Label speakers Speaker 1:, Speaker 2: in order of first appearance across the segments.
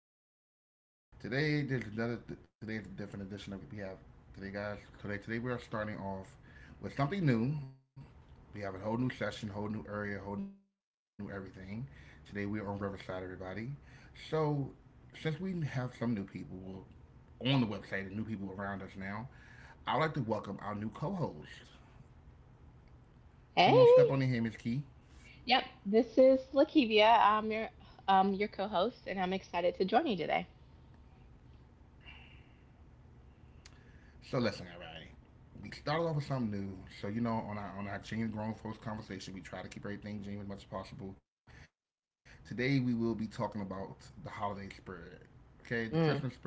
Speaker 1: welcome, welcome, everybody. Today, there's another today's a different edition of we have today, guys. Today we are starting off with something new. We have a whole new session, whole new area, whole new everything. Today we are on Riverside, everybody. So, since we have some new people on the website and new people around us now, I'd like to welcome our new co-host. Come on, step on in here,
Speaker 2: Hey.
Speaker 1: Miss Key.
Speaker 2: Yep, this is Lakivia. I'm your co-host and I'm excited to join you today.
Speaker 1: So listen, everybody. We started off with something new. So you know, on our genuine grown folks conversation, we try to keep everything genuine as much as possible. Today we will be talking about the holiday spirit. Okay, the Christmas
Speaker 2: Mm.
Speaker 1: spirit,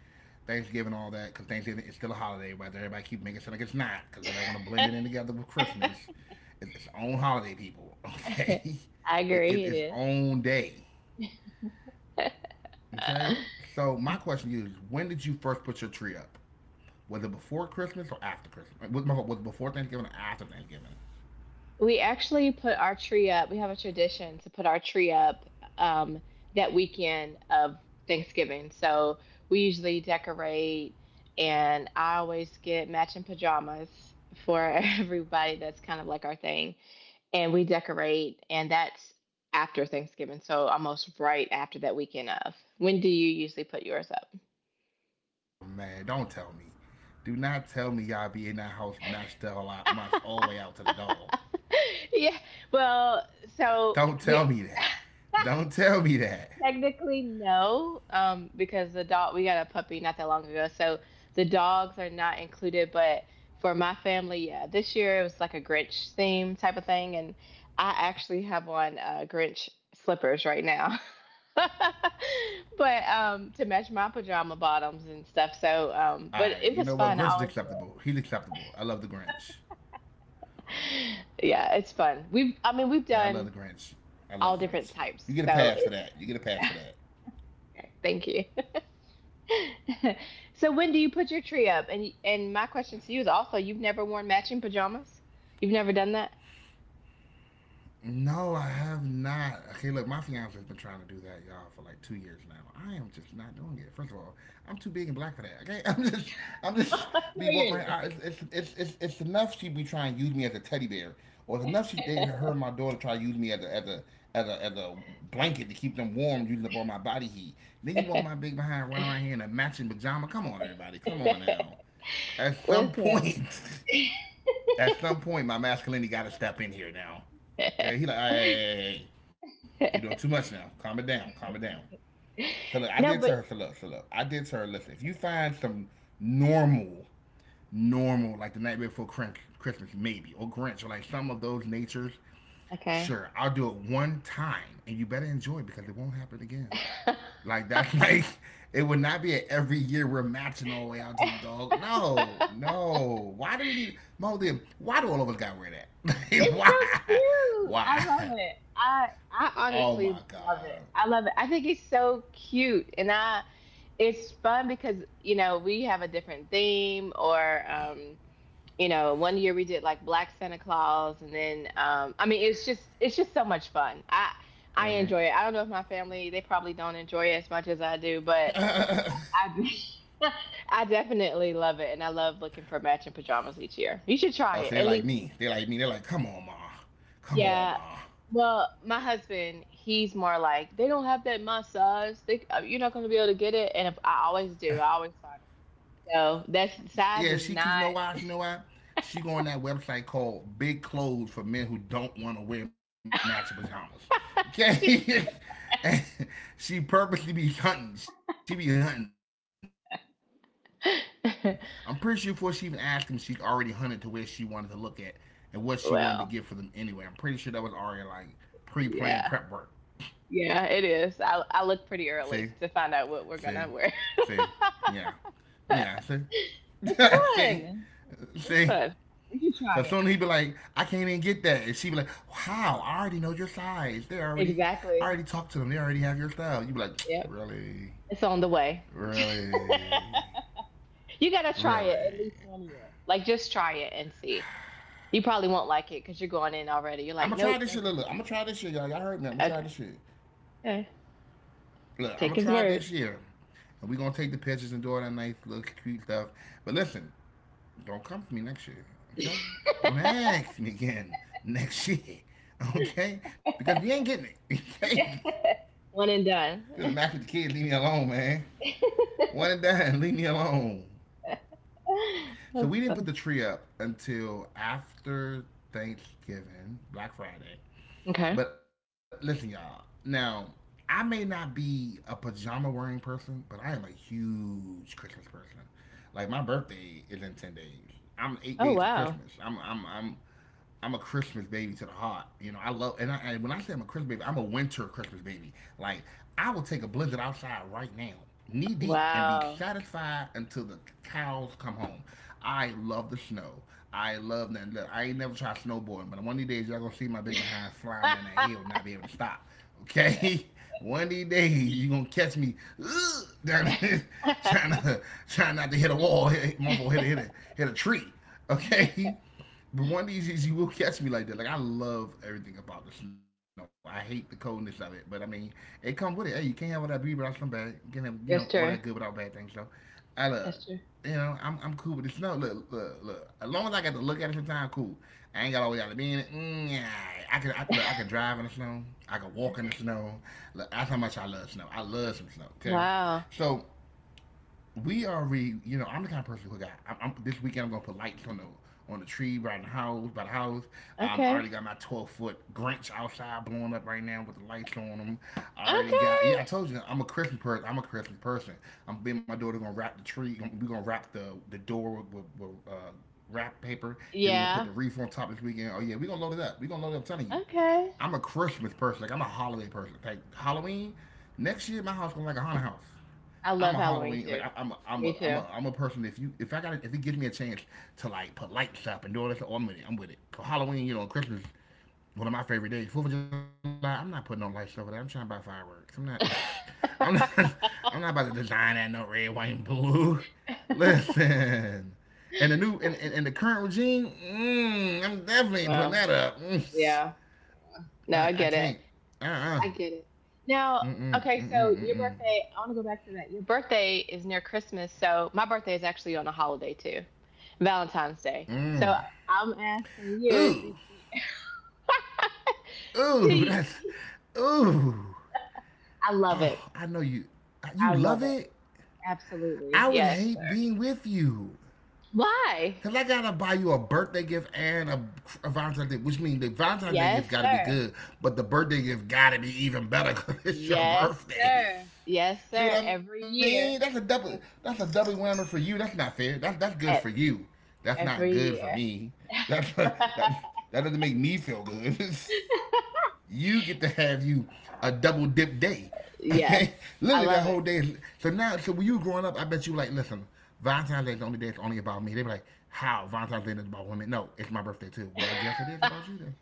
Speaker 1: Thanksgiving, all that, because Thanksgiving is still a holiday. Whether everybody keep making it sound like it's not, because everybody want to blend it in together with Christmas. It's its own holiday, people. Okay,
Speaker 2: I
Speaker 1: it
Speaker 2: agree it
Speaker 1: its
Speaker 2: is.
Speaker 1: own day.
Speaker 2: Uh,
Speaker 1: Okay, so my question to you is, when did you first put your tree up? Was it before Christmas or after Christmas? Was it before Thanksgiving or after Thanksgiving?
Speaker 2: we actually put our tree up. We have a tradition to put our tree up um that weekend of Thanksgiving. So we usually decorate and I always get matching pajamas for everybody that's kind of like our thing. And we decorate, and that's after Thanksgiving, so almost right after
Speaker 1: Matching
Speaker 2: that weekend of. When
Speaker 1: pajamas?
Speaker 2: do you usually
Speaker 1: Oh
Speaker 2: put yours
Speaker 1: man,
Speaker 2: up?
Speaker 1: don't tell me. Do not tell me y'all be in that house matched all out, matched all the way out to the dog.
Speaker 2: Yeah,
Speaker 1: Don't
Speaker 2: well,
Speaker 1: tell me that.
Speaker 2: so we
Speaker 1: Don't tell me that.
Speaker 2: technically no, because the dog we got a puppy not that long ago, so the dogs are not included. But for my family, yeah, this year it was like a Grinch theme type of thing, and I actually have on Grinch slippers right now. But to match my pajama bottoms and stuff. So but
Speaker 1: Alright, you
Speaker 2: it
Speaker 1: know
Speaker 2: was
Speaker 1: what?
Speaker 2: fun.
Speaker 1: Grinch
Speaker 2: I
Speaker 1: is
Speaker 2: always do
Speaker 1: acceptable. He's acceptable. I love the Grinch.
Speaker 2: it. Yeah, it's fun. We've I mean we've
Speaker 1: Yeah, I love
Speaker 2: done
Speaker 1: the Grinch. I love
Speaker 2: all
Speaker 1: the
Speaker 2: different
Speaker 1: Grinch.
Speaker 2: types.
Speaker 1: You get a
Speaker 2: So
Speaker 1: pass for
Speaker 2: it
Speaker 1: that. You get a pass for that.
Speaker 2: thank you. So when do you put your tree up? And my question to you is also you've never worn matching pajamas? You've never done that?
Speaker 1: No, I have not. Okay, look, my fiance's been trying to do that, y'all, for like 2 years now. I am just not doing it. First of all, I'm too big and black for that. Okay, I'm just
Speaker 2: No,
Speaker 1: be walking around.
Speaker 2: you're
Speaker 1: It's enough she be trying to use me as a teddy bear, or it's enough she they, her and my daughter try to use me as a blanket to keep them warm, using up all my body heat. Then you
Speaker 2: not.
Speaker 1: want my big behind running around here in a matching pajama? Come on, everybody, come on now. At some
Speaker 2: Listen.
Speaker 1: point. At some point my masculinity got to step in here now. Okay, he like, hey, hey, hey, hey, you're doing too much now. Calm it down. Calm it down. So look, I
Speaker 2: No,
Speaker 1: did to
Speaker 2: but
Speaker 1: her. So look, I did to her. Listen, if you find some normal, normal, like the night before Christmas, maybe or Grinch or like some of those natures
Speaker 2: okay.
Speaker 1: sure, I'll do it one time, and you better enjoy it because it won't happen again. Like that, like it would not be a every year we're matching all the way out to the dog. No, no. Why do we need Moldy? Why do all of us gotta wear that? Like,
Speaker 2: It's so
Speaker 1: why?
Speaker 2: cute. I
Speaker 1: Why?
Speaker 2: love it. I
Speaker 1: Oh
Speaker 2: honestly
Speaker 1: my
Speaker 2: love it.
Speaker 1: god.
Speaker 2: I love it. I think it's so cute, and I it's fun because you know we have a different theme, or one year we did like Black Santa Claus, and then I mean, it's just so much fun. I enjoy it. I don't know if my family they probably don't enjoy it as much as I do, but I. I definitely love it, and I love looking for matching pajamas each year. You should
Speaker 1: Oh,
Speaker 2: try
Speaker 1: so they
Speaker 2: it at
Speaker 1: like
Speaker 2: least
Speaker 1: me. They like me. They're like, come on, ma. Come
Speaker 2: Yeah.
Speaker 1: on, ma.
Speaker 2: Well, my husband, he's more like they don't have that massage. You're not going to be able to get it. And if I always do, I always find it. So that's size is
Speaker 1: Yeah, she. Cause you know why? You know why? She go on that website called Big Clothes for men who don't want to wear matching pajamas.
Speaker 2: not.
Speaker 1: Okay. And she purposely be hunting. She be hunting. I'm pretty sure before she even asked him, she's already hunted to where she wanted to look at and what she wanted to get for them anyway. I'm pretty sure that was already like
Speaker 2: Well,
Speaker 1: pre-planned prep work.
Speaker 2: yeah,
Speaker 1: See,
Speaker 2: yeah, it is.
Speaker 1: see,
Speaker 2: I look pretty
Speaker 1: see.
Speaker 2: early to
Speaker 1: Yeah,
Speaker 2: find out what we're gonna
Speaker 1: yeah.
Speaker 2: wear.
Speaker 1: See, see, see.
Speaker 2: It's fun.
Speaker 1: So soon he'd be
Speaker 2: It's
Speaker 1: like, I
Speaker 2: fun.
Speaker 1: can't even
Speaker 2: We
Speaker 1: get
Speaker 2: should
Speaker 1: that. And
Speaker 2: try
Speaker 1: she'd be
Speaker 2: it.
Speaker 1: like, how? I already know your size. They already I already talked to them. They already have your style. You'd be
Speaker 2: Exactly.
Speaker 1: like, really?
Speaker 2: Yep. It's
Speaker 1: Really?
Speaker 2: on the way.
Speaker 1: Really?
Speaker 2: You gotta try it at least one year. Like just try it and see. You probably won't like it because you're
Speaker 1: I'ma try
Speaker 2: going
Speaker 1: this
Speaker 2: in
Speaker 1: shit. Look,
Speaker 2: already.
Speaker 1: look,
Speaker 2: You're
Speaker 1: I'ma
Speaker 2: like,
Speaker 1: try this
Speaker 2: nope,
Speaker 1: shit,
Speaker 2: nope,
Speaker 1: y'all.
Speaker 2: nope.
Speaker 1: Y'all heard me. I'ma try this shit.
Speaker 2: Okay, okay.
Speaker 1: Look, I'ma try this
Speaker 2: Take his
Speaker 1: year.
Speaker 2: word.
Speaker 1: And we gonna take the pictures and do all that nice little cute stuff. But listen, don't come to me next year. Okay? Don't ask me again next year. Okay? Because you ain't getting it. Okay?
Speaker 2: One and done.
Speaker 1: Could have matched with the kids. Leave me alone, man. One and done. Leave me alone.
Speaker 2: That's fun.
Speaker 1: So we didn't put the tree up until after Thanksgiving, Black Friday.
Speaker 2: Okay.
Speaker 1: But listen, y'all. Now, I may not be a pajama wearing person, but I am a huge Christmas person. Like my birthday is in 10 days. I'm
Speaker 2: Oh
Speaker 1: 8 days from
Speaker 2: wow,
Speaker 1: Christmas. I'm a Christmas baby to the heart. You know, I love, and when I say I'm a Christmas baby, I'm a winter Christmas baby. Like, I will take a blizzard outside right now, knee deep, and
Speaker 2: wow.
Speaker 1: be satisfied until the cows come home. I love the snow. I love that. Look, I ain't never tried snowboarding, but one of these days, y'all gonna see my big behind flying down that hill and not be able to stop. Okay? One of these days, you gonna catch me down there, trying, to, trying not to hit a wall, hit, motherfucker, hit a tree. Okay? But one of these days you will catch me like that. Like I love everything about the snow. I hate the coldness of it, but I mean, it comes with it. Hey, you can't have all that beauty without some bad. You can't have all that
Speaker 2: That's
Speaker 1: good without
Speaker 2: true.
Speaker 1: bad things. So, I love.
Speaker 2: That's true.
Speaker 1: You know, I'm cool with the snow. Look, look, look. As long as I got to look at it sometime, cool. I ain't got always got to be in it. Mm, yeah. Look, I can drive in the snow. I can walk in the snow. Look, that's how much I love snow. I love some snow. Okay,
Speaker 2: Wow.
Speaker 1: so we already, I'm the kind of person who got. This weekend I'm gonna put lights on the tree by the house. I
Speaker 2: Okay.
Speaker 1: already got my 12-foot Grinch outside blowing up right now with the lights on them. I already got.
Speaker 2: Okay.
Speaker 1: Yeah, I told you I'm a Christmas person. I'm a Christmas person. I'm being my daughter gonna wrap the tree. We're gonna wrap the door with wrap paper. Then we're gonna put
Speaker 2: Yeah.
Speaker 1: the wreath on top this weekend. Oh yeah, we're gonna load it up. We're gonna load it up. I'm telling you,
Speaker 2: Okay.
Speaker 1: I'm a Christmas person. Like I'm a holiday person. Like Halloween. Next year, my house gonna be like a haunted house.
Speaker 2: I
Speaker 1: I'm
Speaker 2: love
Speaker 1: a
Speaker 2: Halloween
Speaker 1: Halloween like
Speaker 2: too.
Speaker 1: I'm
Speaker 2: Me
Speaker 1: a I'm a
Speaker 2: too.
Speaker 1: I'm a person. If you if I got if it gives me a chance to like put lights up and do all this, oh, I'm with it. I'm with it. For Halloween, Christmas, one of my favorite days. Fourth of July, I'm not putting on lights up. With that, I'm trying to buy fireworks. I'm not. I'm not. I'm not about to design that no red, white, and blue. Listen. And the new and the current regime, I'm definitely putting that
Speaker 2: Well,
Speaker 1: up.
Speaker 2: yeah.
Speaker 1: I
Speaker 2: No, I
Speaker 1: can't.
Speaker 2: get it.
Speaker 1: Uh uh.
Speaker 2: I get it.
Speaker 1: Mm
Speaker 2: Now,
Speaker 1: mm
Speaker 2: okay,
Speaker 1: mm
Speaker 2: so
Speaker 1: mm
Speaker 2: your birthday, I want to go back to that. Your birthday is near Christmas, so my birthday is actually on a holiday too, Valentine's Day. So
Speaker 1: mm
Speaker 2: I'm asking
Speaker 1: mm.
Speaker 2: you,
Speaker 1: Ooh.
Speaker 2: do
Speaker 1: Ooh,
Speaker 2: you-
Speaker 1: that's ooh.
Speaker 2: I love it.
Speaker 1: Oh, I know you. You
Speaker 2: I
Speaker 1: love
Speaker 2: love it.
Speaker 1: it.
Speaker 2: Absolutely.
Speaker 1: I would
Speaker 2: Yes,
Speaker 1: hate
Speaker 2: sir.
Speaker 1: being with you.
Speaker 2: Why?
Speaker 1: Cause I gotta buy you a birthday gift and a Valentine's Day, which means the Valentine's Day gift
Speaker 2: Yes,
Speaker 1: gotta be
Speaker 2: sir.
Speaker 1: good, but the birthday gift gotta be even better because it's your
Speaker 2: Yes,
Speaker 1: birthday.
Speaker 2: sir. Yes,
Speaker 1: See what
Speaker 2: sir.
Speaker 1: I
Speaker 2: Every
Speaker 1: mean? That's a
Speaker 2: year.
Speaker 1: double. That's a
Speaker 2: Yep.
Speaker 1: double whammy for you. That's not fair. That's good for you.
Speaker 2: e-
Speaker 1: That's not good
Speaker 2: Every
Speaker 1: for
Speaker 2: year.
Speaker 1: me. That's that doesn't make me feel good. You get to have you a double dip day.
Speaker 2: Yes,
Speaker 1: Okay,
Speaker 2: I
Speaker 1: literally that
Speaker 2: love
Speaker 1: whole
Speaker 2: it.
Speaker 1: day. So when you were growing up, I bet you like, listen, Valentine's Day is the only day it's only about me. They be like, how Valentine's Day is about women? No, it's my birthday too. Well, I guess it is about you then.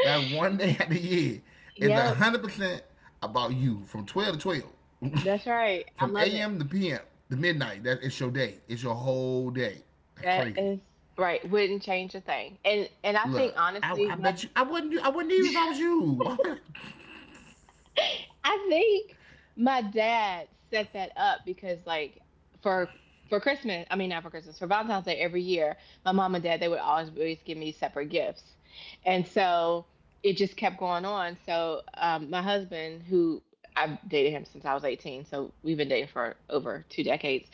Speaker 1: That one day of the year is one
Speaker 2: Yep,
Speaker 1: hundred percent about you from 12 to 12,
Speaker 2: that's right. I
Speaker 1: from
Speaker 2: love it.
Speaker 1: a.m. to p.m. to midnight. That it's your day. It's your whole day. That's
Speaker 2: That
Speaker 1: crazy.
Speaker 2: is right. Wouldn't change a thing. And I think
Speaker 1: Look, I,
Speaker 2: honestly,
Speaker 1: I
Speaker 2: my
Speaker 1: bet you I wouldn't even if I was you.
Speaker 2: I think my dad set that up because like for for Christmas, I mean not for Christmas, for Valentine's Day every year, my mom and dad they would always give me separate gifts. And so it just kept going on. So my husband who I've dated him since I was 18, so we've been dating for over 2 decades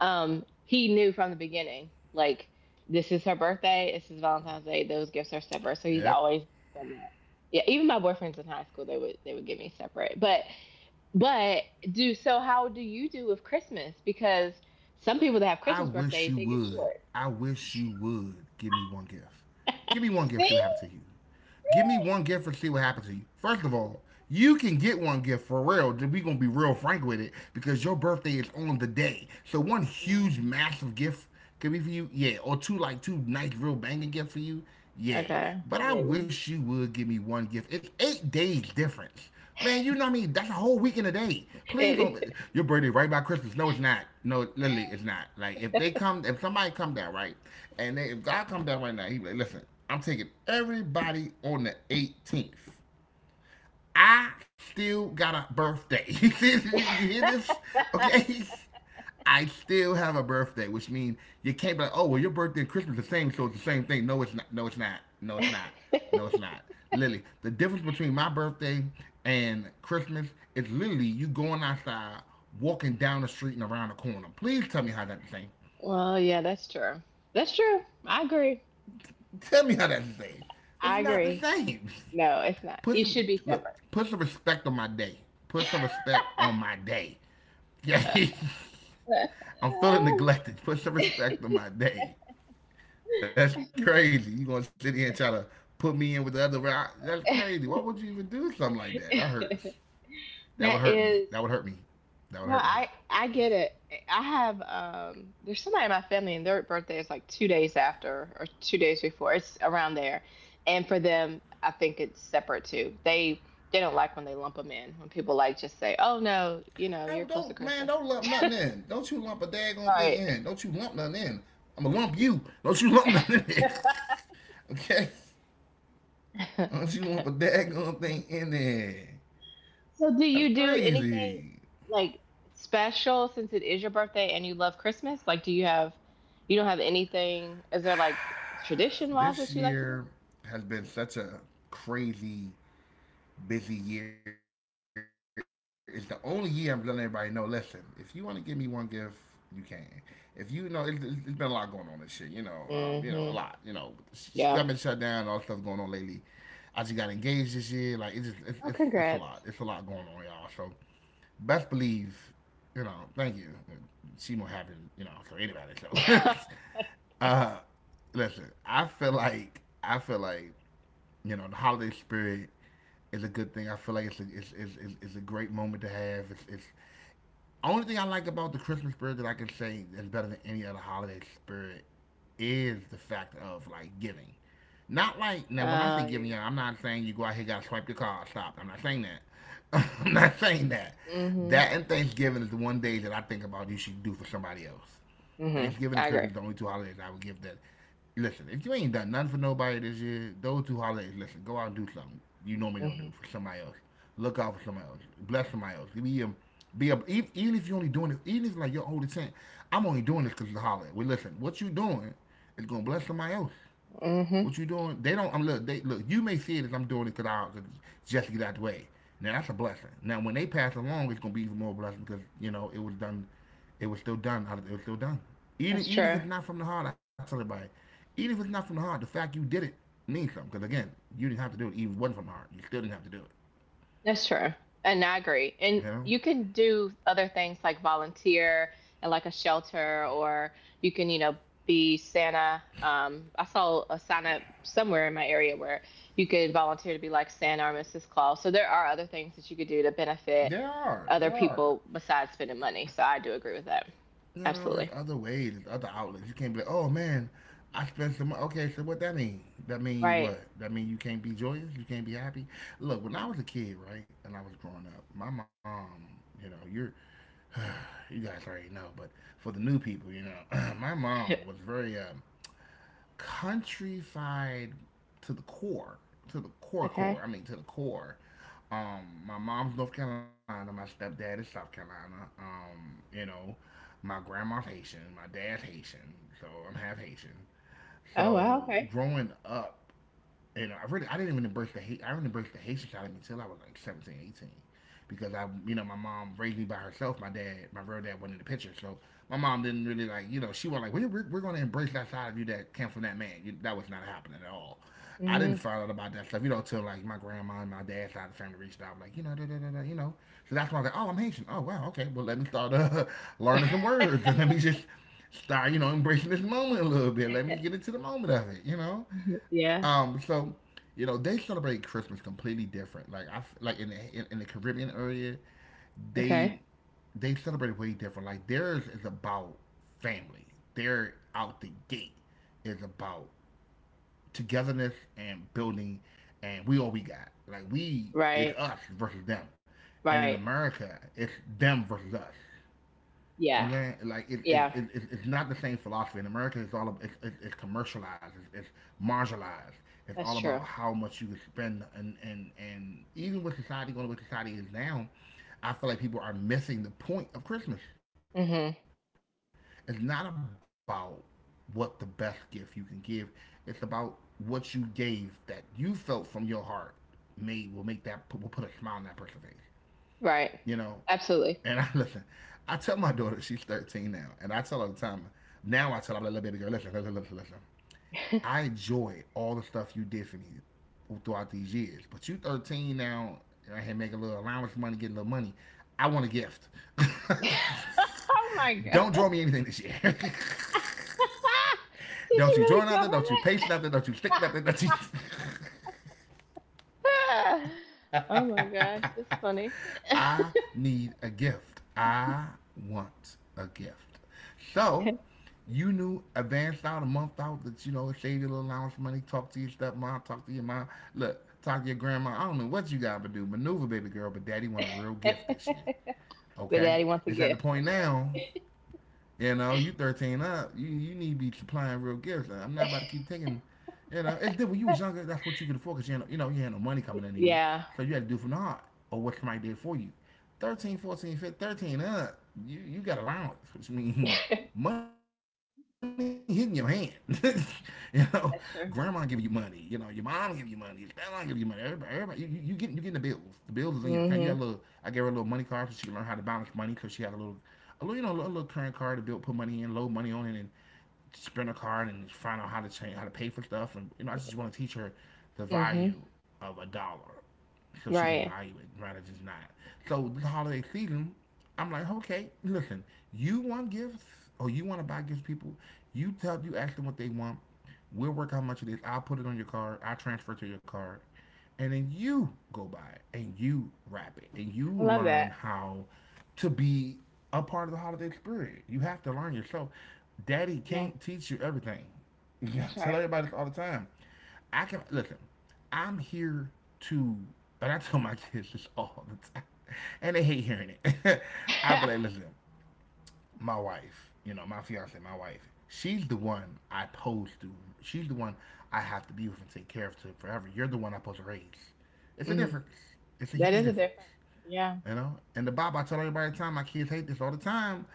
Speaker 2: he knew from the beginning, like this is her birthday, this is Valentine's Day, those gifts are separate. So
Speaker 1: Yep.
Speaker 2: he's always done that. Yeah, even my boyfriends in high school, they would give me separate. But do so how do you do with Christmas? Because some people that have
Speaker 1: I
Speaker 2: Christmas
Speaker 1: wish you
Speaker 2: birthdays, they get
Speaker 1: would.
Speaker 2: short.
Speaker 1: I wish you would give me one gift. Give me one gift. See
Speaker 2: See?
Speaker 1: what happens to you. Give me one gift and see what happens to you. First of all, you can get one gift for real. We're gonna be real frank with it because your birthday is on the day. So one huge,
Speaker 2: Mm,
Speaker 1: massive gift could be for you, yeah, or two like two nice, real banging gifts for you, yeah.
Speaker 2: okay,
Speaker 1: But I
Speaker 2: maybe.
Speaker 1: wish you would give me one gift. It's 8 days difference. Man, you know what I mean? That's a whole week in a day. Please don't.
Speaker 2: It,
Speaker 1: Your birthday right by Christmas. No, it's not. No, literally, it's not. Like, if they come, if somebody come down right, and they, if God come down right now, he be like, listen, I'm taking everybody on the 18th. I still got a birthday. Did you hear this? Okay. I still have a birthday, which means you can't be like, oh, well, your birthday and Christmas are the same, so it's the same thing. No, it's not. No, it's not. No, it's not. No, it's not. Lily, the difference between my birthday and Christmas is literally you going outside, walking down the street and around the corner. Please tell me how that's the same.
Speaker 2: well, yeah, that's true. That's true. I agree.
Speaker 1: Tell me how that's the same. It's
Speaker 2: I
Speaker 1: not the
Speaker 2: agree.
Speaker 1: same.
Speaker 2: No, it's not.
Speaker 1: Put
Speaker 2: You
Speaker 1: some
Speaker 2: should be
Speaker 1: look.
Speaker 2: separate.
Speaker 1: Put some respect on my day. Put some respect on my day. Yeah, I'm feeling neglected. Put some respect on my day. That's crazy. You gonna sit here and try to put me in with the other? That's crazy. Why would you even do something like that? That hurts. That would
Speaker 2: that
Speaker 1: hurt me.
Speaker 2: is
Speaker 1: That
Speaker 2: No,
Speaker 1: would hurt
Speaker 2: I
Speaker 1: me.
Speaker 2: I get it. I have There's somebody in my family and their birthday is like 2 days after or 2 days before. It's around there. And for them, I think it's separate too. They don't like when they lump them in. When people like just say, "Oh no, you know,
Speaker 1: Oh,
Speaker 2: you're close to
Speaker 1: don't man,
Speaker 2: Christmas."
Speaker 1: don't lump nothing in. Don't you lump a daggone thing
Speaker 2: Right.
Speaker 1: in. Don't you lump nothing in. I'ma lump you. Don't you lump nothing in. Okay? Don't you lump a daggone thing in there.
Speaker 2: So, do you
Speaker 1: That's
Speaker 2: do anything
Speaker 1: crazy.
Speaker 2: like special since it is your birthday and you love Christmas? Like, do you have, you don't have anything? Is there like tradition wise that you
Speaker 1: This
Speaker 2: like to
Speaker 1: year has been such a crazy, busy year. It's the only year I'm letting everybody know. Listen, if you want to give me one gift, you can. If you know, it's been a lot going on this year. You know a lot.
Speaker 2: do?
Speaker 1: You know,
Speaker 2: Hmm.
Speaker 1: government shut down, all
Speaker 2: Yeah.
Speaker 1: stuff going on lately. I just got engaged this year. Like it's a
Speaker 2: Oh,
Speaker 1: lot. It's a lot
Speaker 2: congrats.
Speaker 1: going on, y'all. So best believe, you know. Thank you. She more happy, you know, for anybody. So, uh, listen, I feel like you know the holiday spirit is a good thing. I feel like it's a great moment to have. It's only thing I like about the Christmas spirit that I can say is better than any other holiday spirit is the fact of like giving. Not like now when I say
Speaker 2: Oh,
Speaker 1: giving,
Speaker 2: yeah.
Speaker 1: y'all, I'm not saying you go out here gotta swipe your card. Stop. I'm not saying that. I'm not saying that.
Speaker 2: Hmm.
Speaker 1: That and Thanksgiving is the one day that I think about you should do for somebody else.
Speaker 2: Hmm.
Speaker 1: Thanksgiving
Speaker 2: I
Speaker 1: and
Speaker 2: agree.
Speaker 1: Christmas are the only two holidays I would give that. Listen, if you ain't done nothing for nobody this year, those two holidays, listen, go out and do something you normally don't do
Speaker 2: Hmm.
Speaker 1: for somebody else. Look out for somebody else. Bless somebody else. Even if you're only doing it, even if like you're only saying, I'm only doing this because it's a holiday. Well, listen, what you doing is going to bless somebody else.
Speaker 2: Hmm.
Speaker 1: What you doing? They don't. I'm look. They look. You may see it as I'm doing it because I just to get out the way. Now that's a blessing. Now when they pass along, it's gonna be even more blessing because you know it was done. It was still done. It was still done. Even
Speaker 2: That's
Speaker 1: even if
Speaker 2: true.
Speaker 1: it's not from the heart, I tell everybody. Even if it's not from the heart, the fact you did it means something. Because again, you didn't have to do it. Even if it wasn't from the heart. You still didn't have to do it.
Speaker 2: That's true. And I agree. And
Speaker 1: You know.
Speaker 2: you can do other things like volunteer and like a shelter, or you can, be Santa. I saw a sign up somewhere in my area where you could volunteer to be like Santa or Mrs. Claus. So there are other things that you could do to benefit
Speaker 1: There are.
Speaker 2: other
Speaker 1: There are.
Speaker 2: people besides spending money. So I do agree with that.
Speaker 1: You know, it's
Speaker 2: Absolutely.
Speaker 1: other ways, it's other outlets. You can't be like, oh man, I spent some. Okay, so what that mean? That mean
Speaker 2: Right.
Speaker 1: what? That mean you can't be joyous, you can't be happy. Look, when I was a kid, right, and I was growing up, my mom, you know, you guys already know, but for the new people, you know, my mom was very countryfied to the core, to the core
Speaker 2: Okay.
Speaker 1: core. I mean, to the core. My mom's North Carolina, my stepdad is South Carolina. You know, my grandma's Haitian, my dad's Haitian, so I'm half Haitian.
Speaker 2: Oh,
Speaker 1: So
Speaker 2: wow. Okay.
Speaker 1: growing up, I didn't even embrace the hate. I didn't embrace the Haitian side of me until I was like 17, 18, because you know, my mom raised me by herself. My dad, my real dad, wasn't in the picture. So my mom didn't really like, you know, she was like, we're going to embrace that side of you that came from that man. That was not happening at all. I didn't
Speaker 2: Hmm.
Speaker 1: find out about that stuff, you know, till like my grandma and my dad's side of the family reached out, like, you know, da, da, da, da, you know. So that's why I was like, oh, I'm Haitian. Oh, wow, okay. Well, let me start learning some words and let me just start, you know, embracing this moment a little bit. Let me get into the moment of it, you know.
Speaker 2: Yeah.
Speaker 1: So you know they celebrate Christmas completely different. Like in the Caribbean area,
Speaker 2: Okay.
Speaker 1: they they celebrate way different. Like theirs is about family. They're out the gate is about togetherness and building, and we all we got. Like we it's
Speaker 2: Right.
Speaker 1: us versus them, and in
Speaker 2: Right.
Speaker 1: America it's them versus us. You
Speaker 2: Yeah.
Speaker 1: know what I'm saying? Like
Speaker 2: Yeah.
Speaker 1: it's not the same philosophy in America. It's commercialized. It's marginalized. It's all
Speaker 2: That's
Speaker 1: about
Speaker 2: true.
Speaker 1: how much you can spend, and even with society is now, I feel like people are missing the point of Christmas. It's
Speaker 2: Mhm.
Speaker 1: not about what the best gift you can give. It's about what you gave that you felt from your heart may will make that will put a smile on that person's face. You know, and I
Speaker 2: Right.
Speaker 1: listen, I
Speaker 2: Absolutely.
Speaker 1: tell my daughter she's 13 now, and I tell her all the time. Now I tell her, I'm like, little baby girl, listen. I enjoy
Speaker 2: Oh
Speaker 1: all the stuff you did for me throughout these years, but you 13 now. And I had make a little allowance money, get a little money. I want a gift.
Speaker 2: my
Speaker 1: Don't draw me
Speaker 2: god.
Speaker 1: anything this year. Don't
Speaker 2: Did
Speaker 1: you
Speaker 2: you
Speaker 1: draw
Speaker 2: really
Speaker 1: nothing.
Speaker 2: tell
Speaker 1: Don't
Speaker 2: her
Speaker 1: you paste nothing. Don't you stick nothing. Don't you.
Speaker 2: that? Oh my gosh, that's funny.
Speaker 1: I need a gift. I want a gift. So you knew advance out a month out that you know save your little allowance money, talk to your stepmom, talk to your mom. Look, talk to your grandma. I don't know what you gotta do, maneuver, baby girl. But daddy want a real gift this year.
Speaker 2: But
Speaker 1: Okay,
Speaker 2: daddy wants a
Speaker 1: it's at the
Speaker 2: gift.
Speaker 1: point
Speaker 2: That's
Speaker 1: now
Speaker 2: right.
Speaker 1: you know, you 13 up, you need to be supplying real gifts. Like, I'm not about to keep taking, you know. It's different. When you was younger, that's what you could afford because, you know, you had no money coming into you.
Speaker 2: Yeah.
Speaker 1: So you had to do from the heart or what somebody did for you. 13 up, you got allowance, which means
Speaker 2: That's
Speaker 1: money hitting your hand. You know, grandma giving you money. You know,
Speaker 2: true.
Speaker 1: your mom giving you money. Your grandma giving you money. You getting the bills. The bills is in your account. You got a little. I
Speaker 2: Mhm.
Speaker 1: gave her a little money card so she can learn how to balance money because she has a little, you know, a little current card to build, put money in, load money on it, and spend a card and find out how to change, how to pay for stuff. And you know, I just want to teach her the
Speaker 2: Mhm.
Speaker 1: value of a dollar so she can
Speaker 2: Right.
Speaker 1: value it rather than not. So the holiday season, I'm like, okay, listen, you want gifts or you want to buy gifts, people. You ask them what they want. We'll work out how much it is. I'll put it on your card. I'll transfer to your card, and then you go buy it and you wrap it and you
Speaker 2: I love
Speaker 1: learn
Speaker 2: that.
Speaker 1: how to be a part of the holiday spirit. You have to learn yourself. Daddy
Speaker 2: Yeah,
Speaker 1: can't teach you everything. Yeah, I
Speaker 2: that's
Speaker 1: tell
Speaker 2: right.
Speaker 1: everybody all the time. I can look. I'm here to, and I tell my kids this all the time, and they hate hearing it. I be like, listen, my wife, you know, my fiance, my wife, she's the one I pose to. She's the one I have to be with and take care of to forever. You're the one I pose to raise. It's a
Speaker 2: Mm.
Speaker 1: difference. It's a
Speaker 2: That
Speaker 1: huge
Speaker 2: is a
Speaker 1: difference.
Speaker 2: difference. Yeah.
Speaker 1: You know, and the Bible, I tell everybody all the time, my kids hate this all the time.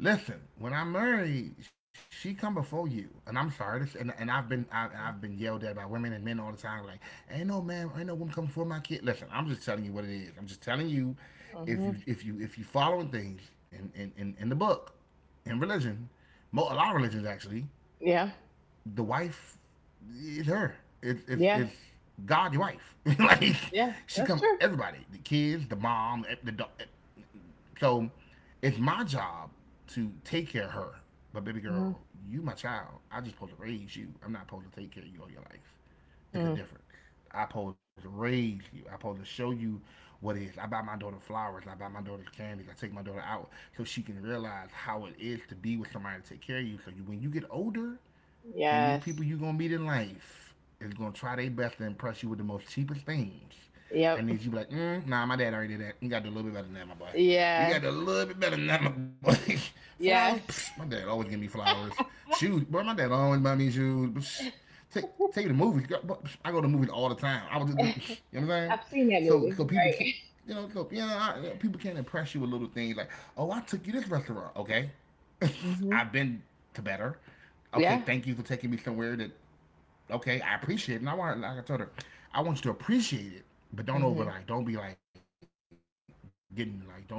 Speaker 1: Listen, when I married, she come before you, and I'm sorry, this, and I've I've been yelled at by women and men all the time, like ain't no man, ain't no woman come before my kid. Listen, I'm just telling you what it is. I'm just telling you, if
Speaker 2: Mhm.
Speaker 1: you if you if you following things in the book, in religion, a lot of religions actually,
Speaker 2: Yeah.
Speaker 1: the wife is her. It's it's
Speaker 2: Yeah.
Speaker 1: it's God, your wife. Like
Speaker 2: Yeah,
Speaker 1: she
Speaker 2: that's
Speaker 1: come
Speaker 2: true.
Speaker 1: everybody, the kids, the mom, the dog, so it's my job to take care of her. But baby
Speaker 2: Mhm.
Speaker 1: girl, you my child. I just supposed to raise you. I'm not supposed to take care of you all your life. It's a
Speaker 2: Mm.
Speaker 1: difference. I supposed to raise you. I supposed to show you what it is. I buy my daughter flowers. I buy my daughter candies. I take my daughter out so she can realize how it is to be with somebody to take care of you. So you, when you get older, and these people
Speaker 2: Yes.
Speaker 1: you gonna meet in life is gonna try their best to impress you with the most cheapest things. I
Speaker 2: Yep.
Speaker 1: need you to be like, mm, nah, my dad already did that. You got to do a little bit better than that, my boy. You got to do a
Speaker 2: Yes.
Speaker 1: little bit better than that, my boy. Flowers, psh,
Speaker 2: Yes.
Speaker 1: my dad always give me flowers. Shoes, bro, my dad always buy me shoes. Psh, take take you to movies. I go to movies all the time. I was just, you know what I'm saying?
Speaker 2: I've seen that
Speaker 1: So
Speaker 2: movie,
Speaker 1: so people can't,
Speaker 2: right?
Speaker 1: you know, so yeah, yeah, people can't impress you with little things like, oh, I took you to this restaurant, okay?
Speaker 2: Hmm.
Speaker 1: I've been to better okay,
Speaker 2: Yeah.
Speaker 1: thank you for taking me somewhere that okay, I appreciate it. And I want like I told her, I want you to appreciate it, but don't
Speaker 2: Hmm.
Speaker 1: over like don't be like getting like don't do too much.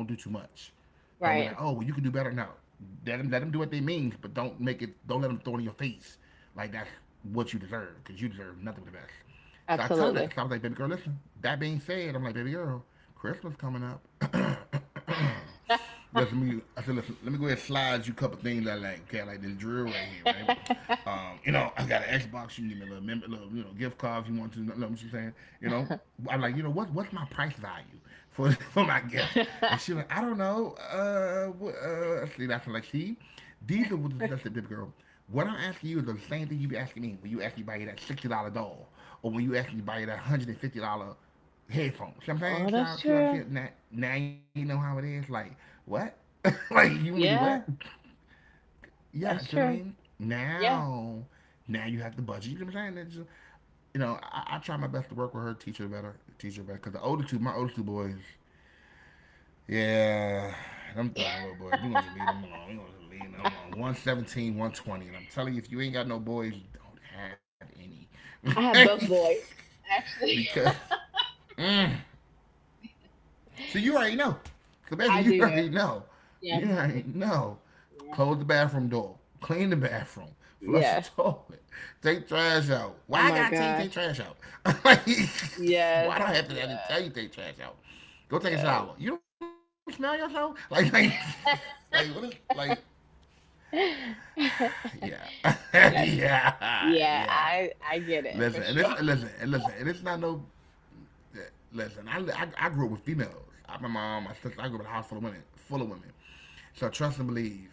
Speaker 1: Don't be like, oh well you can do better. No.
Speaker 2: Right.
Speaker 1: Let them do what they mean, but don't make it don't let them throw it in your face. Like that's what you deserve, because you deserve nothing but the best. So I tell her that. So I was like,
Speaker 2: Absolutely.
Speaker 1: baby girl, listen. That being said, I'm like, baby girl, Christmas coming up. let me I said listen, let me go ahead and slide you a couple things I like. Okay, I like this drill right here, right? You know, I got an Xbox. You can give me a little member, little you know, gift card if you want to. You know what I'm saying? You know, I'm like, you know, what's my price value for my gift? And she like, I don't know. See, that's like, see, these are what the big girl. What I'm asking you is the same thing you be asking me when you ask me to buy you that $60 doll, or when you ask me to buy you that $150 headphones.
Speaker 2: Oh,
Speaker 1: Sometimes y'all
Speaker 2: that's
Speaker 1: see what I
Speaker 2: true.
Speaker 1: said. Now, now you know how it is. Like what? Like you want me to do
Speaker 2: Yeah,
Speaker 1: what?
Speaker 2: that's
Speaker 1: Yeah, see what I
Speaker 2: true.
Speaker 1: mean?
Speaker 2: Yeah.
Speaker 1: Now, now you have the budget. You know what I'm saying? Just, you know, I try my best to work with her, teach her better, teach her better. Cause the older two, my older two boys, yeah, them thugging little boys. We gonna just leave them alone. We gonna just leave them alone. 117, 120, and I'm telling you, if you ain't got no boys, you don't have
Speaker 2: I have both
Speaker 1: any.
Speaker 2: boys, actually.
Speaker 1: Because. Mm, so you already know. So basically,
Speaker 2: I
Speaker 1: you
Speaker 2: do know.
Speaker 1: already know.
Speaker 2: Yeah,
Speaker 1: You
Speaker 2: I do.
Speaker 1: already know.
Speaker 2: Yeah.
Speaker 1: Close the bathroom door. Clean the bathroom. Flush the
Speaker 2: Yes.
Speaker 1: toilet. Take trash out.
Speaker 2: Oh
Speaker 1: Why I
Speaker 2: my
Speaker 1: gotta tell you take
Speaker 2: gosh.
Speaker 1: trash out? Like,
Speaker 2: Yes.
Speaker 1: why do I have to
Speaker 2: Yes.
Speaker 1: tell you take trash out? Go take
Speaker 2: Yes.
Speaker 1: a shower. You don't smell yourself? Like what is like? Yeah,
Speaker 2: Yes. Yeah,
Speaker 1: yeah.
Speaker 2: I get it for
Speaker 1: Listen, and
Speaker 2: sure.
Speaker 1: listen, and it's not no listen, I grew up with females. I, my mom, my sister, I grew up in a house full of women, full of women. So trust and believe.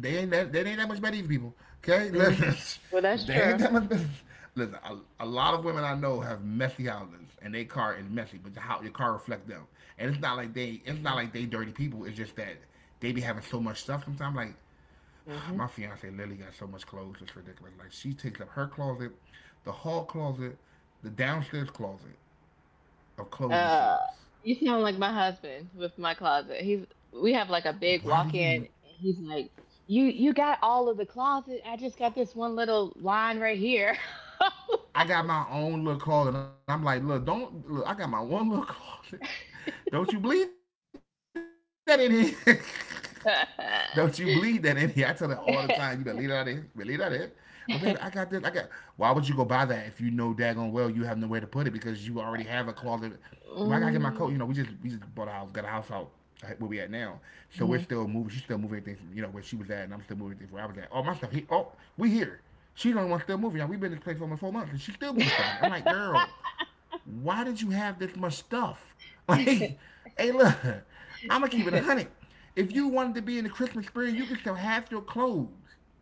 Speaker 1: They ain't that much better than people. Okay,
Speaker 2: Mm.
Speaker 1: listen,
Speaker 2: Well, that's
Speaker 1: they ain't
Speaker 2: true.
Speaker 1: that much better. Listen, a lot of women I know have messy houses, and their car is messy, but your car reflects them. And it's not like it's not like they dirty people. It's just that they be having so much stuff. Sometimes, like
Speaker 2: Mm-hmm.
Speaker 1: my fiance Lily got so much clothes, it's ridiculous. Like she takes up her closet, the hall closet, the downstairs closet of
Speaker 2: Uh,
Speaker 1: closing shoes.
Speaker 2: you sound like my husband with my closet. He's we have like a big walk-in,
Speaker 1: Why
Speaker 2: and
Speaker 1: do
Speaker 2: he's
Speaker 1: you?
Speaker 2: like, "You got all of the closet. I just got this one little line right here."
Speaker 1: I got my own little closet. I'm like, look, don't look. I got my one little closet. Don't you believe that in don't you bleed that in here? I tell her all the time. You better leave that out of here. You better leave that out of here. But baby, I got this. I got. Why would you go buy that if you know daggone well you have nowhere to put it because you already have a closet? If I gotta get my coat,
Speaker 2: Mm.
Speaker 1: you know, we just bought a house, got a house out where we at now. So
Speaker 2: Mhm.
Speaker 1: we're still moving. She's still moving things, from, you know, where she was at, and I'm still moving things where I was at. All my stuff. Here. Oh, we here. She's the only one still moving. Now, we've been in this place for almost 4 months, and she's still moving stuff here. I'm like, girl, why did you have this much stuff? Like, hey, look, I'm gonna keep it a hundred. If you wanted to be in the Christmas spirit, you can sell half your clothes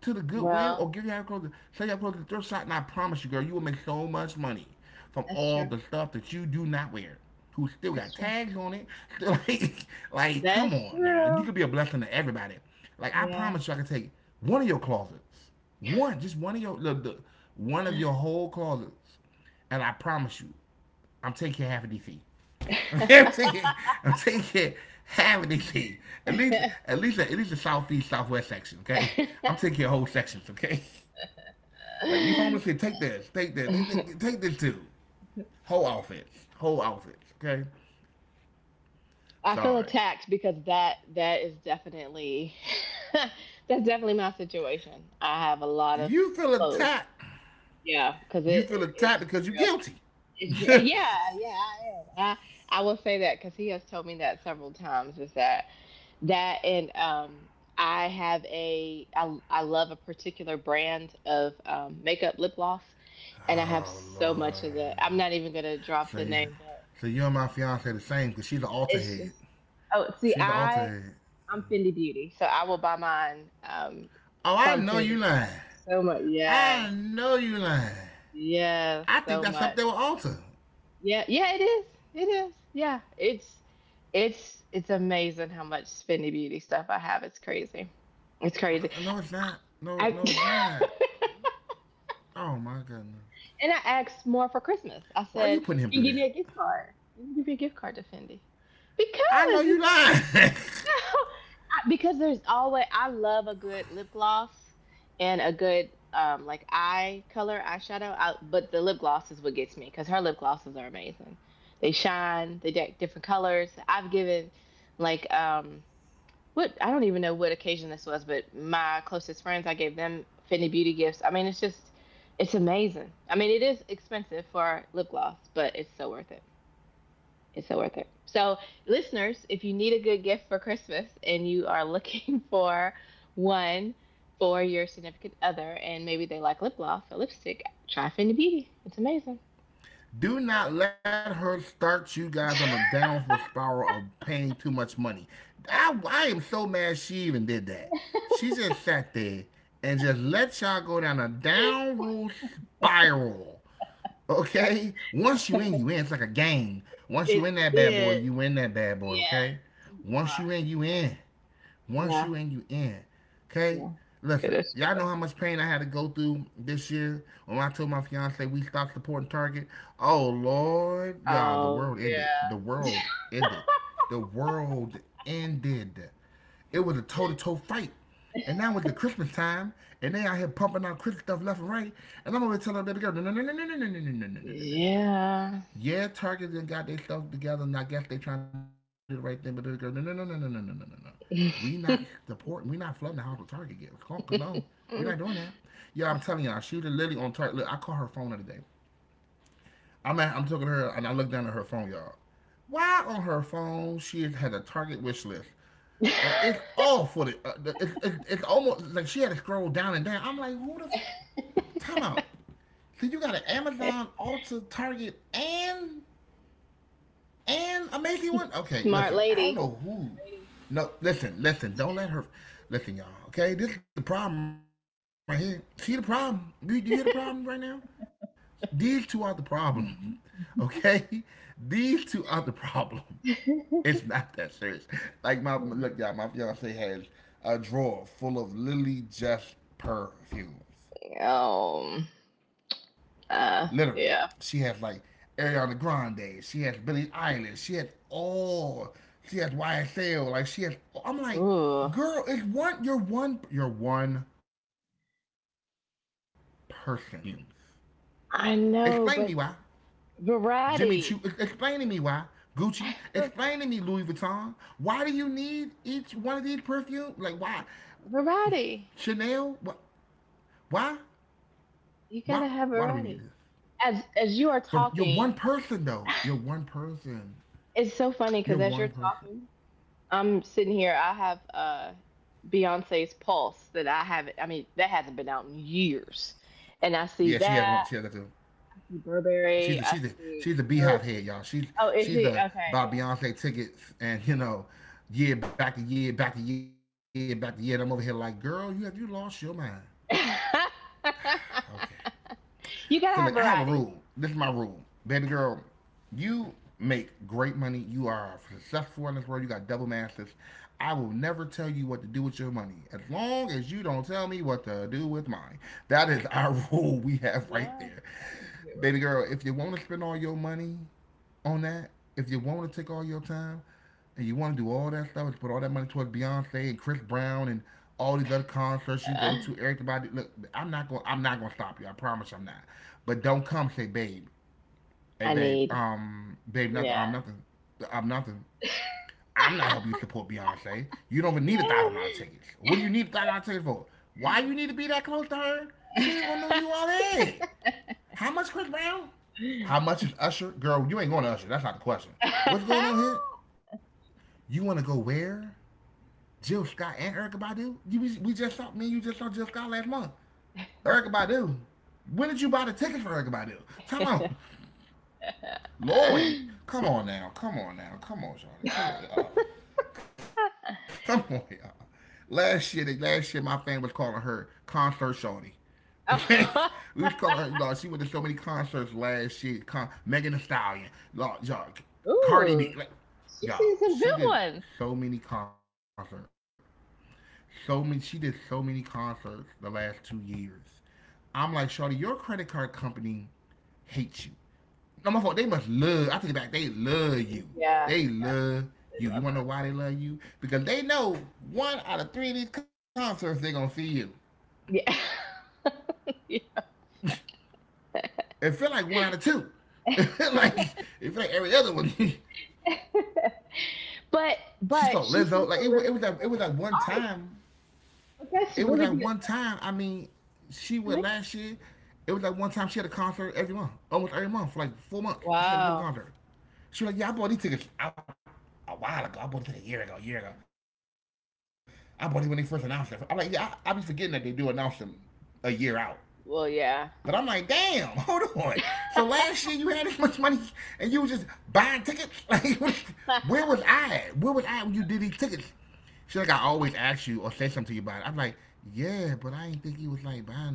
Speaker 1: to the Goodwill or
Speaker 2: Well,
Speaker 1: give your half clothes, sell your clothes to the thrift shop, and I promise you, girl, you will make so much money from
Speaker 2: that's
Speaker 1: all
Speaker 2: true.
Speaker 1: the stuff that you do not wear. Who still
Speaker 2: That's
Speaker 1: got
Speaker 2: true.
Speaker 1: tags on it? like, like, come
Speaker 2: That's
Speaker 1: on now, you
Speaker 2: true.
Speaker 1: could be a blessing to everybody. Like, I
Speaker 2: Yeah.
Speaker 1: promise you, I can take one of your closets, one, just one of your, one of your whole closets, and I promise you, I'm taking half of DC. Okay, I'm taking half of DC. At least the southeast southwest section. Okay, I'm taking whole sections. Okay, like you homeless here, take this, too. Whole outfits, whole outfits. Okay,
Speaker 2: I feel
Speaker 1: sorry.
Speaker 2: attacked because that is definitely that's definitely my situation. I have a lot of
Speaker 1: You feel
Speaker 2: clothes.
Speaker 1: attacked.
Speaker 2: Yeah, because
Speaker 1: You
Speaker 2: it
Speaker 1: feel attacked
Speaker 2: it's
Speaker 1: because you are guilty.
Speaker 2: It's, yeah, yeah, I am. I will say that because he has told me that several times is that that and I have a I love a particular brand of makeup lip gloss and I have
Speaker 1: Oh
Speaker 2: so much of
Speaker 1: lord.
Speaker 2: that. I'm not even gonna drop
Speaker 1: So
Speaker 2: the
Speaker 1: you,
Speaker 2: name, but
Speaker 1: so you and my fiance the same because she's an altar
Speaker 2: it's
Speaker 1: head.
Speaker 2: just oh, see,
Speaker 1: She's an altar
Speaker 2: I
Speaker 1: head.
Speaker 2: I'm Fendi Beauty, so I will buy mine
Speaker 1: Oh, I
Speaker 2: from
Speaker 1: know you
Speaker 2: Fendi.
Speaker 1: lying.
Speaker 2: So much,
Speaker 1: I
Speaker 2: yes,
Speaker 1: know you lying.
Speaker 2: yes,
Speaker 1: I think
Speaker 2: so
Speaker 1: that's
Speaker 2: much.
Speaker 1: up there with Alta.
Speaker 2: Yeah, yeah, it is. It is. Yeah. It's amazing how much spinny beauty stuff I have. It's
Speaker 1: No,
Speaker 2: crazy.
Speaker 1: it's not.
Speaker 2: It's crazy.
Speaker 1: No, No, it's not.
Speaker 2: I
Speaker 1: Oh my goodness.
Speaker 2: And I asked more for
Speaker 1: Why are
Speaker 2: Christmas.
Speaker 1: you
Speaker 2: I
Speaker 1: putting him through
Speaker 2: said,
Speaker 1: that?
Speaker 2: You can give me a gift card. You can give me a gift card to Fendi.
Speaker 1: I know
Speaker 2: Because
Speaker 1: you
Speaker 2: it's
Speaker 1: lying.
Speaker 2: No. Because there's always I love a good lip gloss and a good like eye color eyeshadow out, but the lip gloss is what gets me, because her lip glosses are amazing. They shine, they deck different colors. I've given like what I don't even know what occasion this was, but my closest friends, I gave them Fenty Beauty gifts. I mean, it's amazing. I mean, it is expensive for lip gloss, but it's so worth it. It's so worth it. So, listeners, if you need a good gift for Christmas and you are looking for one for your significant other, and maybe they like lip gloss or lipstick, try Fendi Beauty. It's amazing.
Speaker 1: Do not let her start you guys on a downward spiral of paying too much money. I am so mad she even did that. She just sat there and just let y'all go down a downward spiral. Okay? Once you in, you in. It's like a game. Once you
Speaker 2: It
Speaker 1: in that bad boy,
Speaker 2: is.
Speaker 1: you in that bad boy,
Speaker 2: Yes,
Speaker 1: okay?
Speaker 2: you
Speaker 1: Once
Speaker 2: are.
Speaker 1: you in, you in. Once
Speaker 2: Yeah,
Speaker 1: you in, you in. Okay?
Speaker 2: yeah. It
Speaker 1: Listen,
Speaker 2: is
Speaker 1: y'all know
Speaker 2: true.
Speaker 1: how much pain I had to go through this year when I told my fiance we stopped supporting Target. Oh Lord, y'all, the
Speaker 2: Oh,
Speaker 1: world ended. The
Speaker 2: yeah.
Speaker 1: world ended. The world ended. It was a toe-to-toe fight. And now it's the Christmas time, and they out here pumping out Christmas stuff left and right. And I'm over telling them girl, no, no, no, no, no, no, no, no, no, no, no, no, no, no, no, no.
Speaker 2: Yeah.
Speaker 1: Yeah, Target then got their stuff together, and I guess they trying to do the right thing. But they go, no, no, no, no, no, no, no, no, no, no. We not supporting. We not flooding the house with Target gifts. Come on, no, we not doing that. Yeah, I'm telling y'all, she was literally on Target. Look, I called her phone the other day. I'm talking to her, and I look down at her phone, y'all. Why on her phone she had a Target wish list? And it's all for the. It's Almost like she had to scroll down and down. I'm like, who the time out? So you got an Amazon, Ulta, Target, and amazing one. Okay,
Speaker 2: Smart
Speaker 1: listen, I don't
Speaker 2: lady.
Speaker 1: know
Speaker 2: Smart
Speaker 1: who.
Speaker 2: lady.
Speaker 1: No, listen, listen. Don't let her. Listen, y'all. Okay, this is the problem right here. See the problem? Do you hear the problem right now? These two are the problem. Okay, these two are the problem. It's not that serious. Like my look, y'all. My fiance has a drawer full of literally just perfumes.
Speaker 2: um.
Speaker 1: Literally, she has
Speaker 2: Uh.
Speaker 1: like
Speaker 2: Yeah.
Speaker 1: Ariana Grande, she has Billie Eilish, she has all, she has YSL, like she has. I'm like,
Speaker 2: Ooh.
Speaker 1: girl, it's one. You're one. You're one person. Why do you need 49 different perfumes?
Speaker 2: I know, but
Speaker 1: Explain to me why.
Speaker 2: variety,
Speaker 1: Jimmy Choo. Explain to me why. Gucci.
Speaker 2: Va-
Speaker 1: Explain to me Louis Vuitton. Why do you need each one of these perfumes? Like why?
Speaker 2: variety.
Speaker 1: Chanel. Why?
Speaker 2: You
Speaker 1: Why?
Speaker 2: gotta have
Speaker 1: Why do we need
Speaker 2: variety.
Speaker 1: this?
Speaker 2: As you are
Speaker 1: For you're one
Speaker 2: talking,
Speaker 1: person though. You're one person.
Speaker 2: it's so funny
Speaker 1: You're
Speaker 2: because as you're
Speaker 1: one person.
Speaker 2: talking, I'm sitting here. I have Beyonce's Pulse that I haven't. I mean, that hasn't been out in years, and I
Speaker 1: Yeah,
Speaker 2: see
Speaker 1: she has one.
Speaker 2: that.
Speaker 1: She has that
Speaker 2: I
Speaker 1: too.
Speaker 2: see
Speaker 1: She's
Speaker 2: Burberry.
Speaker 1: a,
Speaker 2: I
Speaker 1: she's a,
Speaker 2: see
Speaker 1: she's a beehive
Speaker 2: Coach.
Speaker 1: head, y'all.
Speaker 2: Oh, is
Speaker 1: She's
Speaker 2: she
Speaker 1: a
Speaker 2: okay?
Speaker 1: buy
Speaker 2: Yeah.
Speaker 1: Beyonce tickets and you know, year back to year, back to year, back to year. And I'm over here like, girl, you have you lost your mind. Okay.
Speaker 2: You gotta
Speaker 1: So
Speaker 2: have
Speaker 1: look, I have a
Speaker 2: variety.
Speaker 1: rule. This is my rule, baby girl. You make great money. You are successful in this world. You got double masters. I will never tell you what to do with your money as long as you don't tell me what to do with mine. That
Speaker 2: Yeah.
Speaker 1: is our rule we have right
Speaker 2: Yeah.
Speaker 1: there. Baby girl, if you want to spend all your money on that, if you want to take all your time and you want to do all that stuff and put all that money towards Beyonce and Chris Brown and all these other concerts you go
Speaker 2: Uh,
Speaker 1: to, everybody, look, I'm not going to stop you. I promise I'm not. But don't come say, babe, hey,
Speaker 2: I
Speaker 1: babe,
Speaker 2: need.
Speaker 1: babe, nothing,
Speaker 2: Yeah.
Speaker 1: I'm nothing. I'm not helping you support Beyonce. You don't even need $1,000 tickets. What do you need $1,000 tickets for? Why you need to be that close to her? She ain't gonna know you all that. How much Chris Brown? How much is Usher? Girl, you ain't going to Usher. That's not the question. What's going on here? You want to go where? Jill Scott and Erica Badu? We just saw, me and you just saw Jill Scott last month. Erica Badu. When did you buy the ticket for Erica Badu? Time out. Lloyd. Come on now. Come on now. Come on, Charlie. Come on, y'all. Come on, y'all. Last year, my fan was calling her concert shorty. Okay, we was calling her. Like, she went to so many concerts last year. Megan Thee Stallion, like, y'all, Cardi B, like,
Speaker 2: Ooh,
Speaker 1: y'all.
Speaker 2: she's seen
Speaker 1: She
Speaker 2: some good
Speaker 1: did
Speaker 2: ones.
Speaker 1: so many concerts. So many. She did so many concerts the last 2 years. I'm like, Shawty, your credit card company hates you. No, my fault. They must love. I take it back. They love you.
Speaker 2: Yeah,
Speaker 1: They love
Speaker 2: they
Speaker 1: you. You
Speaker 2: love
Speaker 1: wanna know
Speaker 2: her.
Speaker 1: why they love you? Because they know one out of three of these concerts they're gonna see you.
Speaker 2: Yeah. Yeah.
Speaker 1: It felt like one out of two. like it felt like every other one.
Speaker 2: but
Speaker 1: she
Speaker 2: but
Speaker 1: saw
Speaker 2: she's
Speaker 1: Lizzo.
Speaker 2: seen some really
Speaker 1: It was that. It was like one
Speaker 2: awesome
Speaker 1: time.
Speaker 2: But that's
Speaker 1: It was
Speaker 2: really
Speaker 1: like
Speaker 2: good.
Speaker 1: one time. I mean, she
Speaker 2: That's
Speaker 1: went
Speaker 2: amazing.
Speaker 1: last year. It was like one time she had a concert every month, almost every month for like 4 months. She had a
Speaker 2: Wow.
Speaker 1: different concert. She was like, "Yeah, I bought these tickets out a while ago. I bought these a year ago, a year ago. I bought these when they first announced it." I'm like, "Yeah, I be forgetting that they do announce them a year out." But I'm
Speaker 2: Well,
Speaker 1: like,
Speaker 2: yeah.
Speaker 1: damn, hold on. So last year you had this much money and you was just buying tickets? Like, what, where was I at? Where was I at when you did these tickets? She's like, I always ask you or say something to you about it. I'm like, yeah, but I ain't think you was like buying the.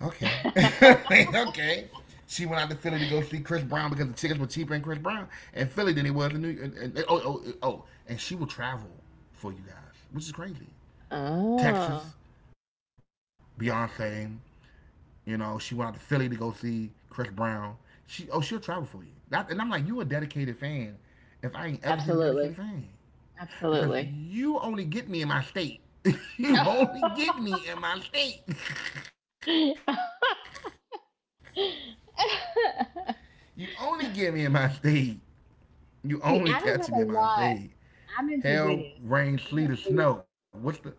Speaker 1: Okay. okay. She went out to Philly to go see Chris Brown because the tickets were cheaper in Chris Brown and Philly than it was in New York. Oh, oh, oh. And she will travel for you guys, which is crazy.
Speaker 2: Oh,
Speaker 1: Texas, Beyonce, you know, she went out to Philly to go see Chris Brown. She'll travel for you. That, and I'm like, you a dedicated fan. If I ain't ever seen a dedicated
Speaker 2: absolutely.
Speaker 1: fan, because
Speaker 2: Absolutely.
Speaker 1: you only get me in my state. you only get me in my state.
Speaker 2: See,
Speaker 1: You only get me in my state. You only catch me in my state.
Speaker 2: I don't have a
Speaker 1: Hell,
Speaker 2: lot.
Speaker 1: rain, sleet, or
Speaker 2: I'm in
Speaker 1: snow. What's
Speaker 2: Virginia, so we don't really.
Speaker 1: the?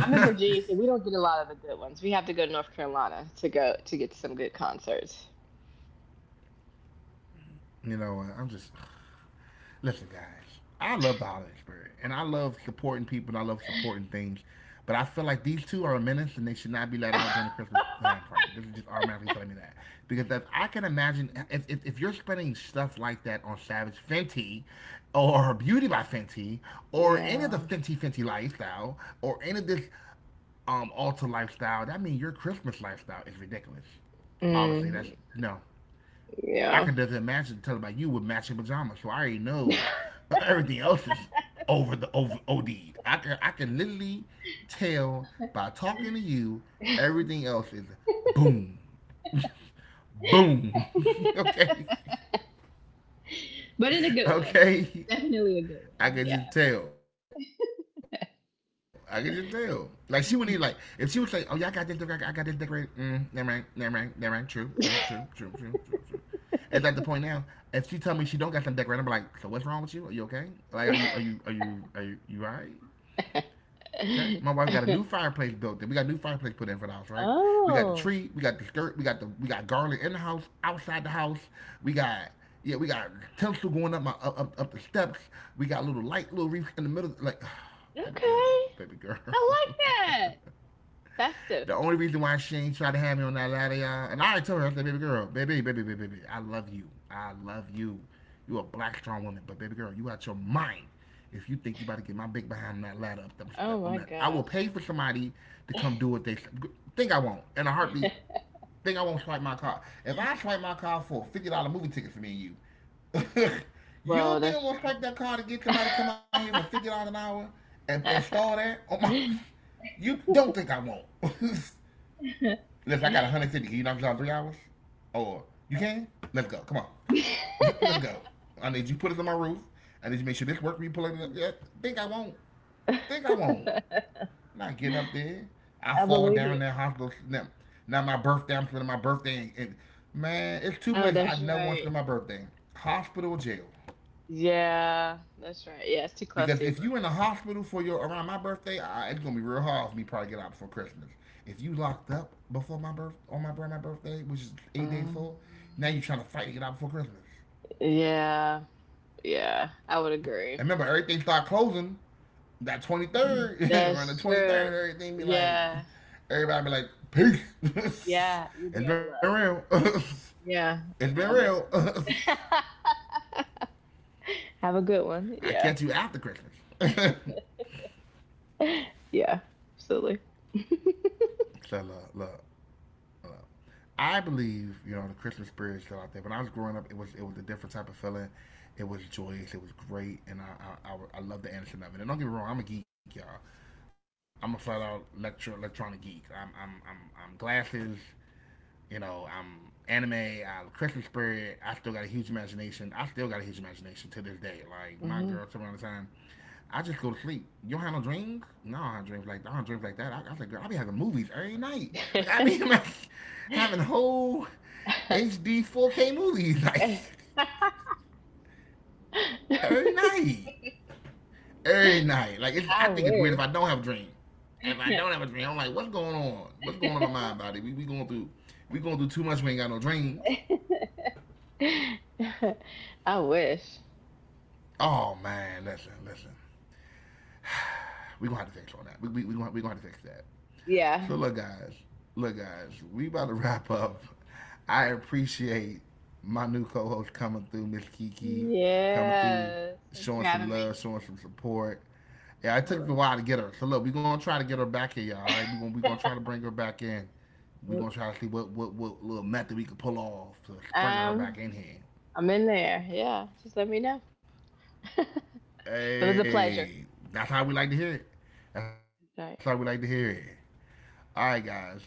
Speaker 2: I'm in Virginia, so we don't get a lot of the good ones. We have to go to North Carolina to go to get some good concerts.
Speaker 1: you know, I'm just. Listen, guys, I love the holiday spirit, and I love supporting people, and I love supporting things. But I feel like these two are a menace, and they should not be let out during the Christmas time frame. This is just automatically telling me that because if I can imagine if you're spending stuff like that on Savage Fenty, or Beauty by Fenty, or any of the
Speaker 2: Yeah.
Speaker 1: Fenty lifestyle, or any of this alter lifestyle, that means your Christmas lifestyle is ridiculous. Obviously, that's
Speaker 2: Mm,
Speaker 1: no, I
Speaker 2: yeah.
Speaker 1: can just imagine telling about you with matching pajamas. So I already know everything else is over the over od I can literally tell by talking to you everything else is boom, boom. Okay,
Speaker 2: But in a good way. Definitely a good
Speaker 1: okay.
Speaker 2: way. Yeah.
Speaker 1: I could just tell. I could just tell. Like she wouldn't even like if she was like, "Oh yeah, I got this decorated. I got this decorated." Mm, never mind. Never mind. Never mind. True. True. True. True. True. True. True. It's at the point now. If she tell me she don't got something decorated, I'm like, "So what's wrong with you? Are you okay? Like, are you all right?" Okay, my wife got a new fireplace built in. We got a new fireplace put in for the house, right? We got the
Speaker 2: Oh,
Speaker 1: tree, we got the skirt, we got garland in the house, outside the house. We got yeah, we got tinsel going up up the steps. We got a little light, little wreath in the middle. Like, baby girl,
Speaker 2: okay.
Speaker 1: baby girl.
Speaker 2: I like that. Festive.
Speaker 1: The only reason why she ain't tried to have me on that ladder, y'all, and I already told her, I said, baby girl, I love you. I love you. You a black strong woman, but baby girl, you out your mind. If you think you about to get my big behind on that ladder up them,
Speaker 2: Oh
Speaker 1: on
Speaker 2: my
Speaker 1: that, I
Speaker 2: gosh.
Speaker 1: will pay for somebody to come do what they think I won't in a heartbeat think I won't swipe my card. If I swipe my card for a $50 movie ticket for me and you, you
Speaker 2: Well,
Speaker 1: don't think I'm
Speaker 2: that's
Speaker 1: gonna
Speaker 2: true.
Speaker 1: swipe that card to get
Speaker 2: I
Speaker 1: somebody to come out here for $50 an hour and stall that? Oh my! You don't think I won't? Listen, I got $150. Can you knock this out in 3 hours? Or you can? Let's go. Come on. Let's go. I need you to put it on my roof. I need you to make sure this work. We pull it. Yeah, think I won't. Think I won't. I'm not getting up there. I fall
Speaker 2: believe
Speaker 1: down
Speaker 2: it.
Speaker 1: that hospital. Now my birthday, I'm spending my birthday. And, man, it's two
Speaker 2: Oh,
Speaker 1: places I
Speaker 2: that's
Speaker 1: never want to
Speaker 2: right.
Speaker 1: spend my birthday: hospital, or jail.
Speaker 2: Yeah, that's right. Yeah, it's too close
Speaker 1: Because
Speaker 2: to your
Speaker 1: if you in the
Speaker 2: birthday.
Speaker 1: hospital for your around my birthday, it's gonna be real hard for me probably get out before Christmas. If you locked up before my birthday, which is 8 days
Speaker 2: Um,
Speaker 1: full, now you're trying to fight to get out before Christmas.
Speaker 2: yeah, yeah, I would agree.
Speaker 1: And remember, everything start closing that 23rd, around the
Speaker 2: That's
Speaker 1: 23rd,
Speaker 2: true.
Speaker 1: everything be like,
Speaker 2: Yeah.
Speaker 1: everybody be like, peace.
Speaker 2: Yeah. You'll be
Speaker 1: it's
Speaker 2: out of
Speaker 1: been
Speaker 2: luck.
Speaker 1: real.
Speaker 2: Yeah.
Speaker 1: it's been
Speaker 2: Yeah.
Speaker 1: real.
Speaker 2: That's true. Have a good one.
Speaker 1: I
Speaker 2: Yeah.
Speaker 1: catch you after Christmas.
Speaker 2: Yeah. Absolutely.
Speaker 1: So look, look, look. I believe you know the Christmas spirit is still out there. When I was growing up, it was a different type of feeling. It was joyous. It was great, and I love the innocent of it. And don't get me wrong, I'm a geek, y'all. I'm a flat out electronic geek. I'm glasses. You know, I'm anime, I love Christmas spirit. I still got a huge imagination. I still got a huge imagination to this day. Like my girl,
Speaker 2: Hmm.
Speaker 1: some of the time, I just go to sleep. You don't have no dreams? No, I don't have dreams like I don't have dreams like that. I was like, girl, I be having movies every night. Like I mean, like having whole HD 4K movies like every night, every night. Like it's,
Speaker 2: I
Speaker 1: I think it's weird if
Speaker 2: wish.
Speaker 1: I don't have a dream. If I don't have a dream, I'm like, what's going on? What's going on in my mind, body? We going through too much. We ain't got no dreams.
Speaker 2: I wish.
Speaker 1: Oh man, listen, listen. We gonna have to fix on that. We gonna have to fix that.
Speaker 2: Yeah.
Speaker 1: So look, guys, look, guys. We about to wrap up. I appreciate my new co-host coming through, Miss Kiki, coming through,
Speaker 2: Yes. Thanks for
Speaker 1: showing some
Speaker 2: having me.
Speaker 1: love, showing some support. Yeah, it took a
Speaker 2: Absolutely.
Speaker 1: while to get her. So look, we gonna try to get her back in, y'all. All right, we gonna try to bring her back in. We gonna
Speaker 2: Yep.
Speaker 1: try to see what little method we can pull off to bring her
Speaker 2: Um,
Speaker 1: back in here.
Speaker 2: I'm in there. Yeah. Just let me know. It was a pleasure.
Speaker 1: Hey, that's how we like to hear it.
Speaker 2: Right.
Speaker 1: That's how we like to hear it. All right, guys.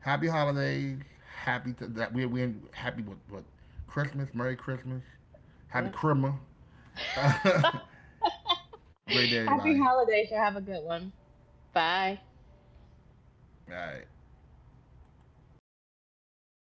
Speaker 1: Happy holidays. Happy th- that we happy with what Christmas. Merry Christmas. Happy
Speaker 2: Yep.
Speaker 1: Christmas. Have a great day,
Speaker 2: Happy
Speaker 1: everybody.
Speaker 2: holidays. You have a good one. Bye.
Speaker 1: All right.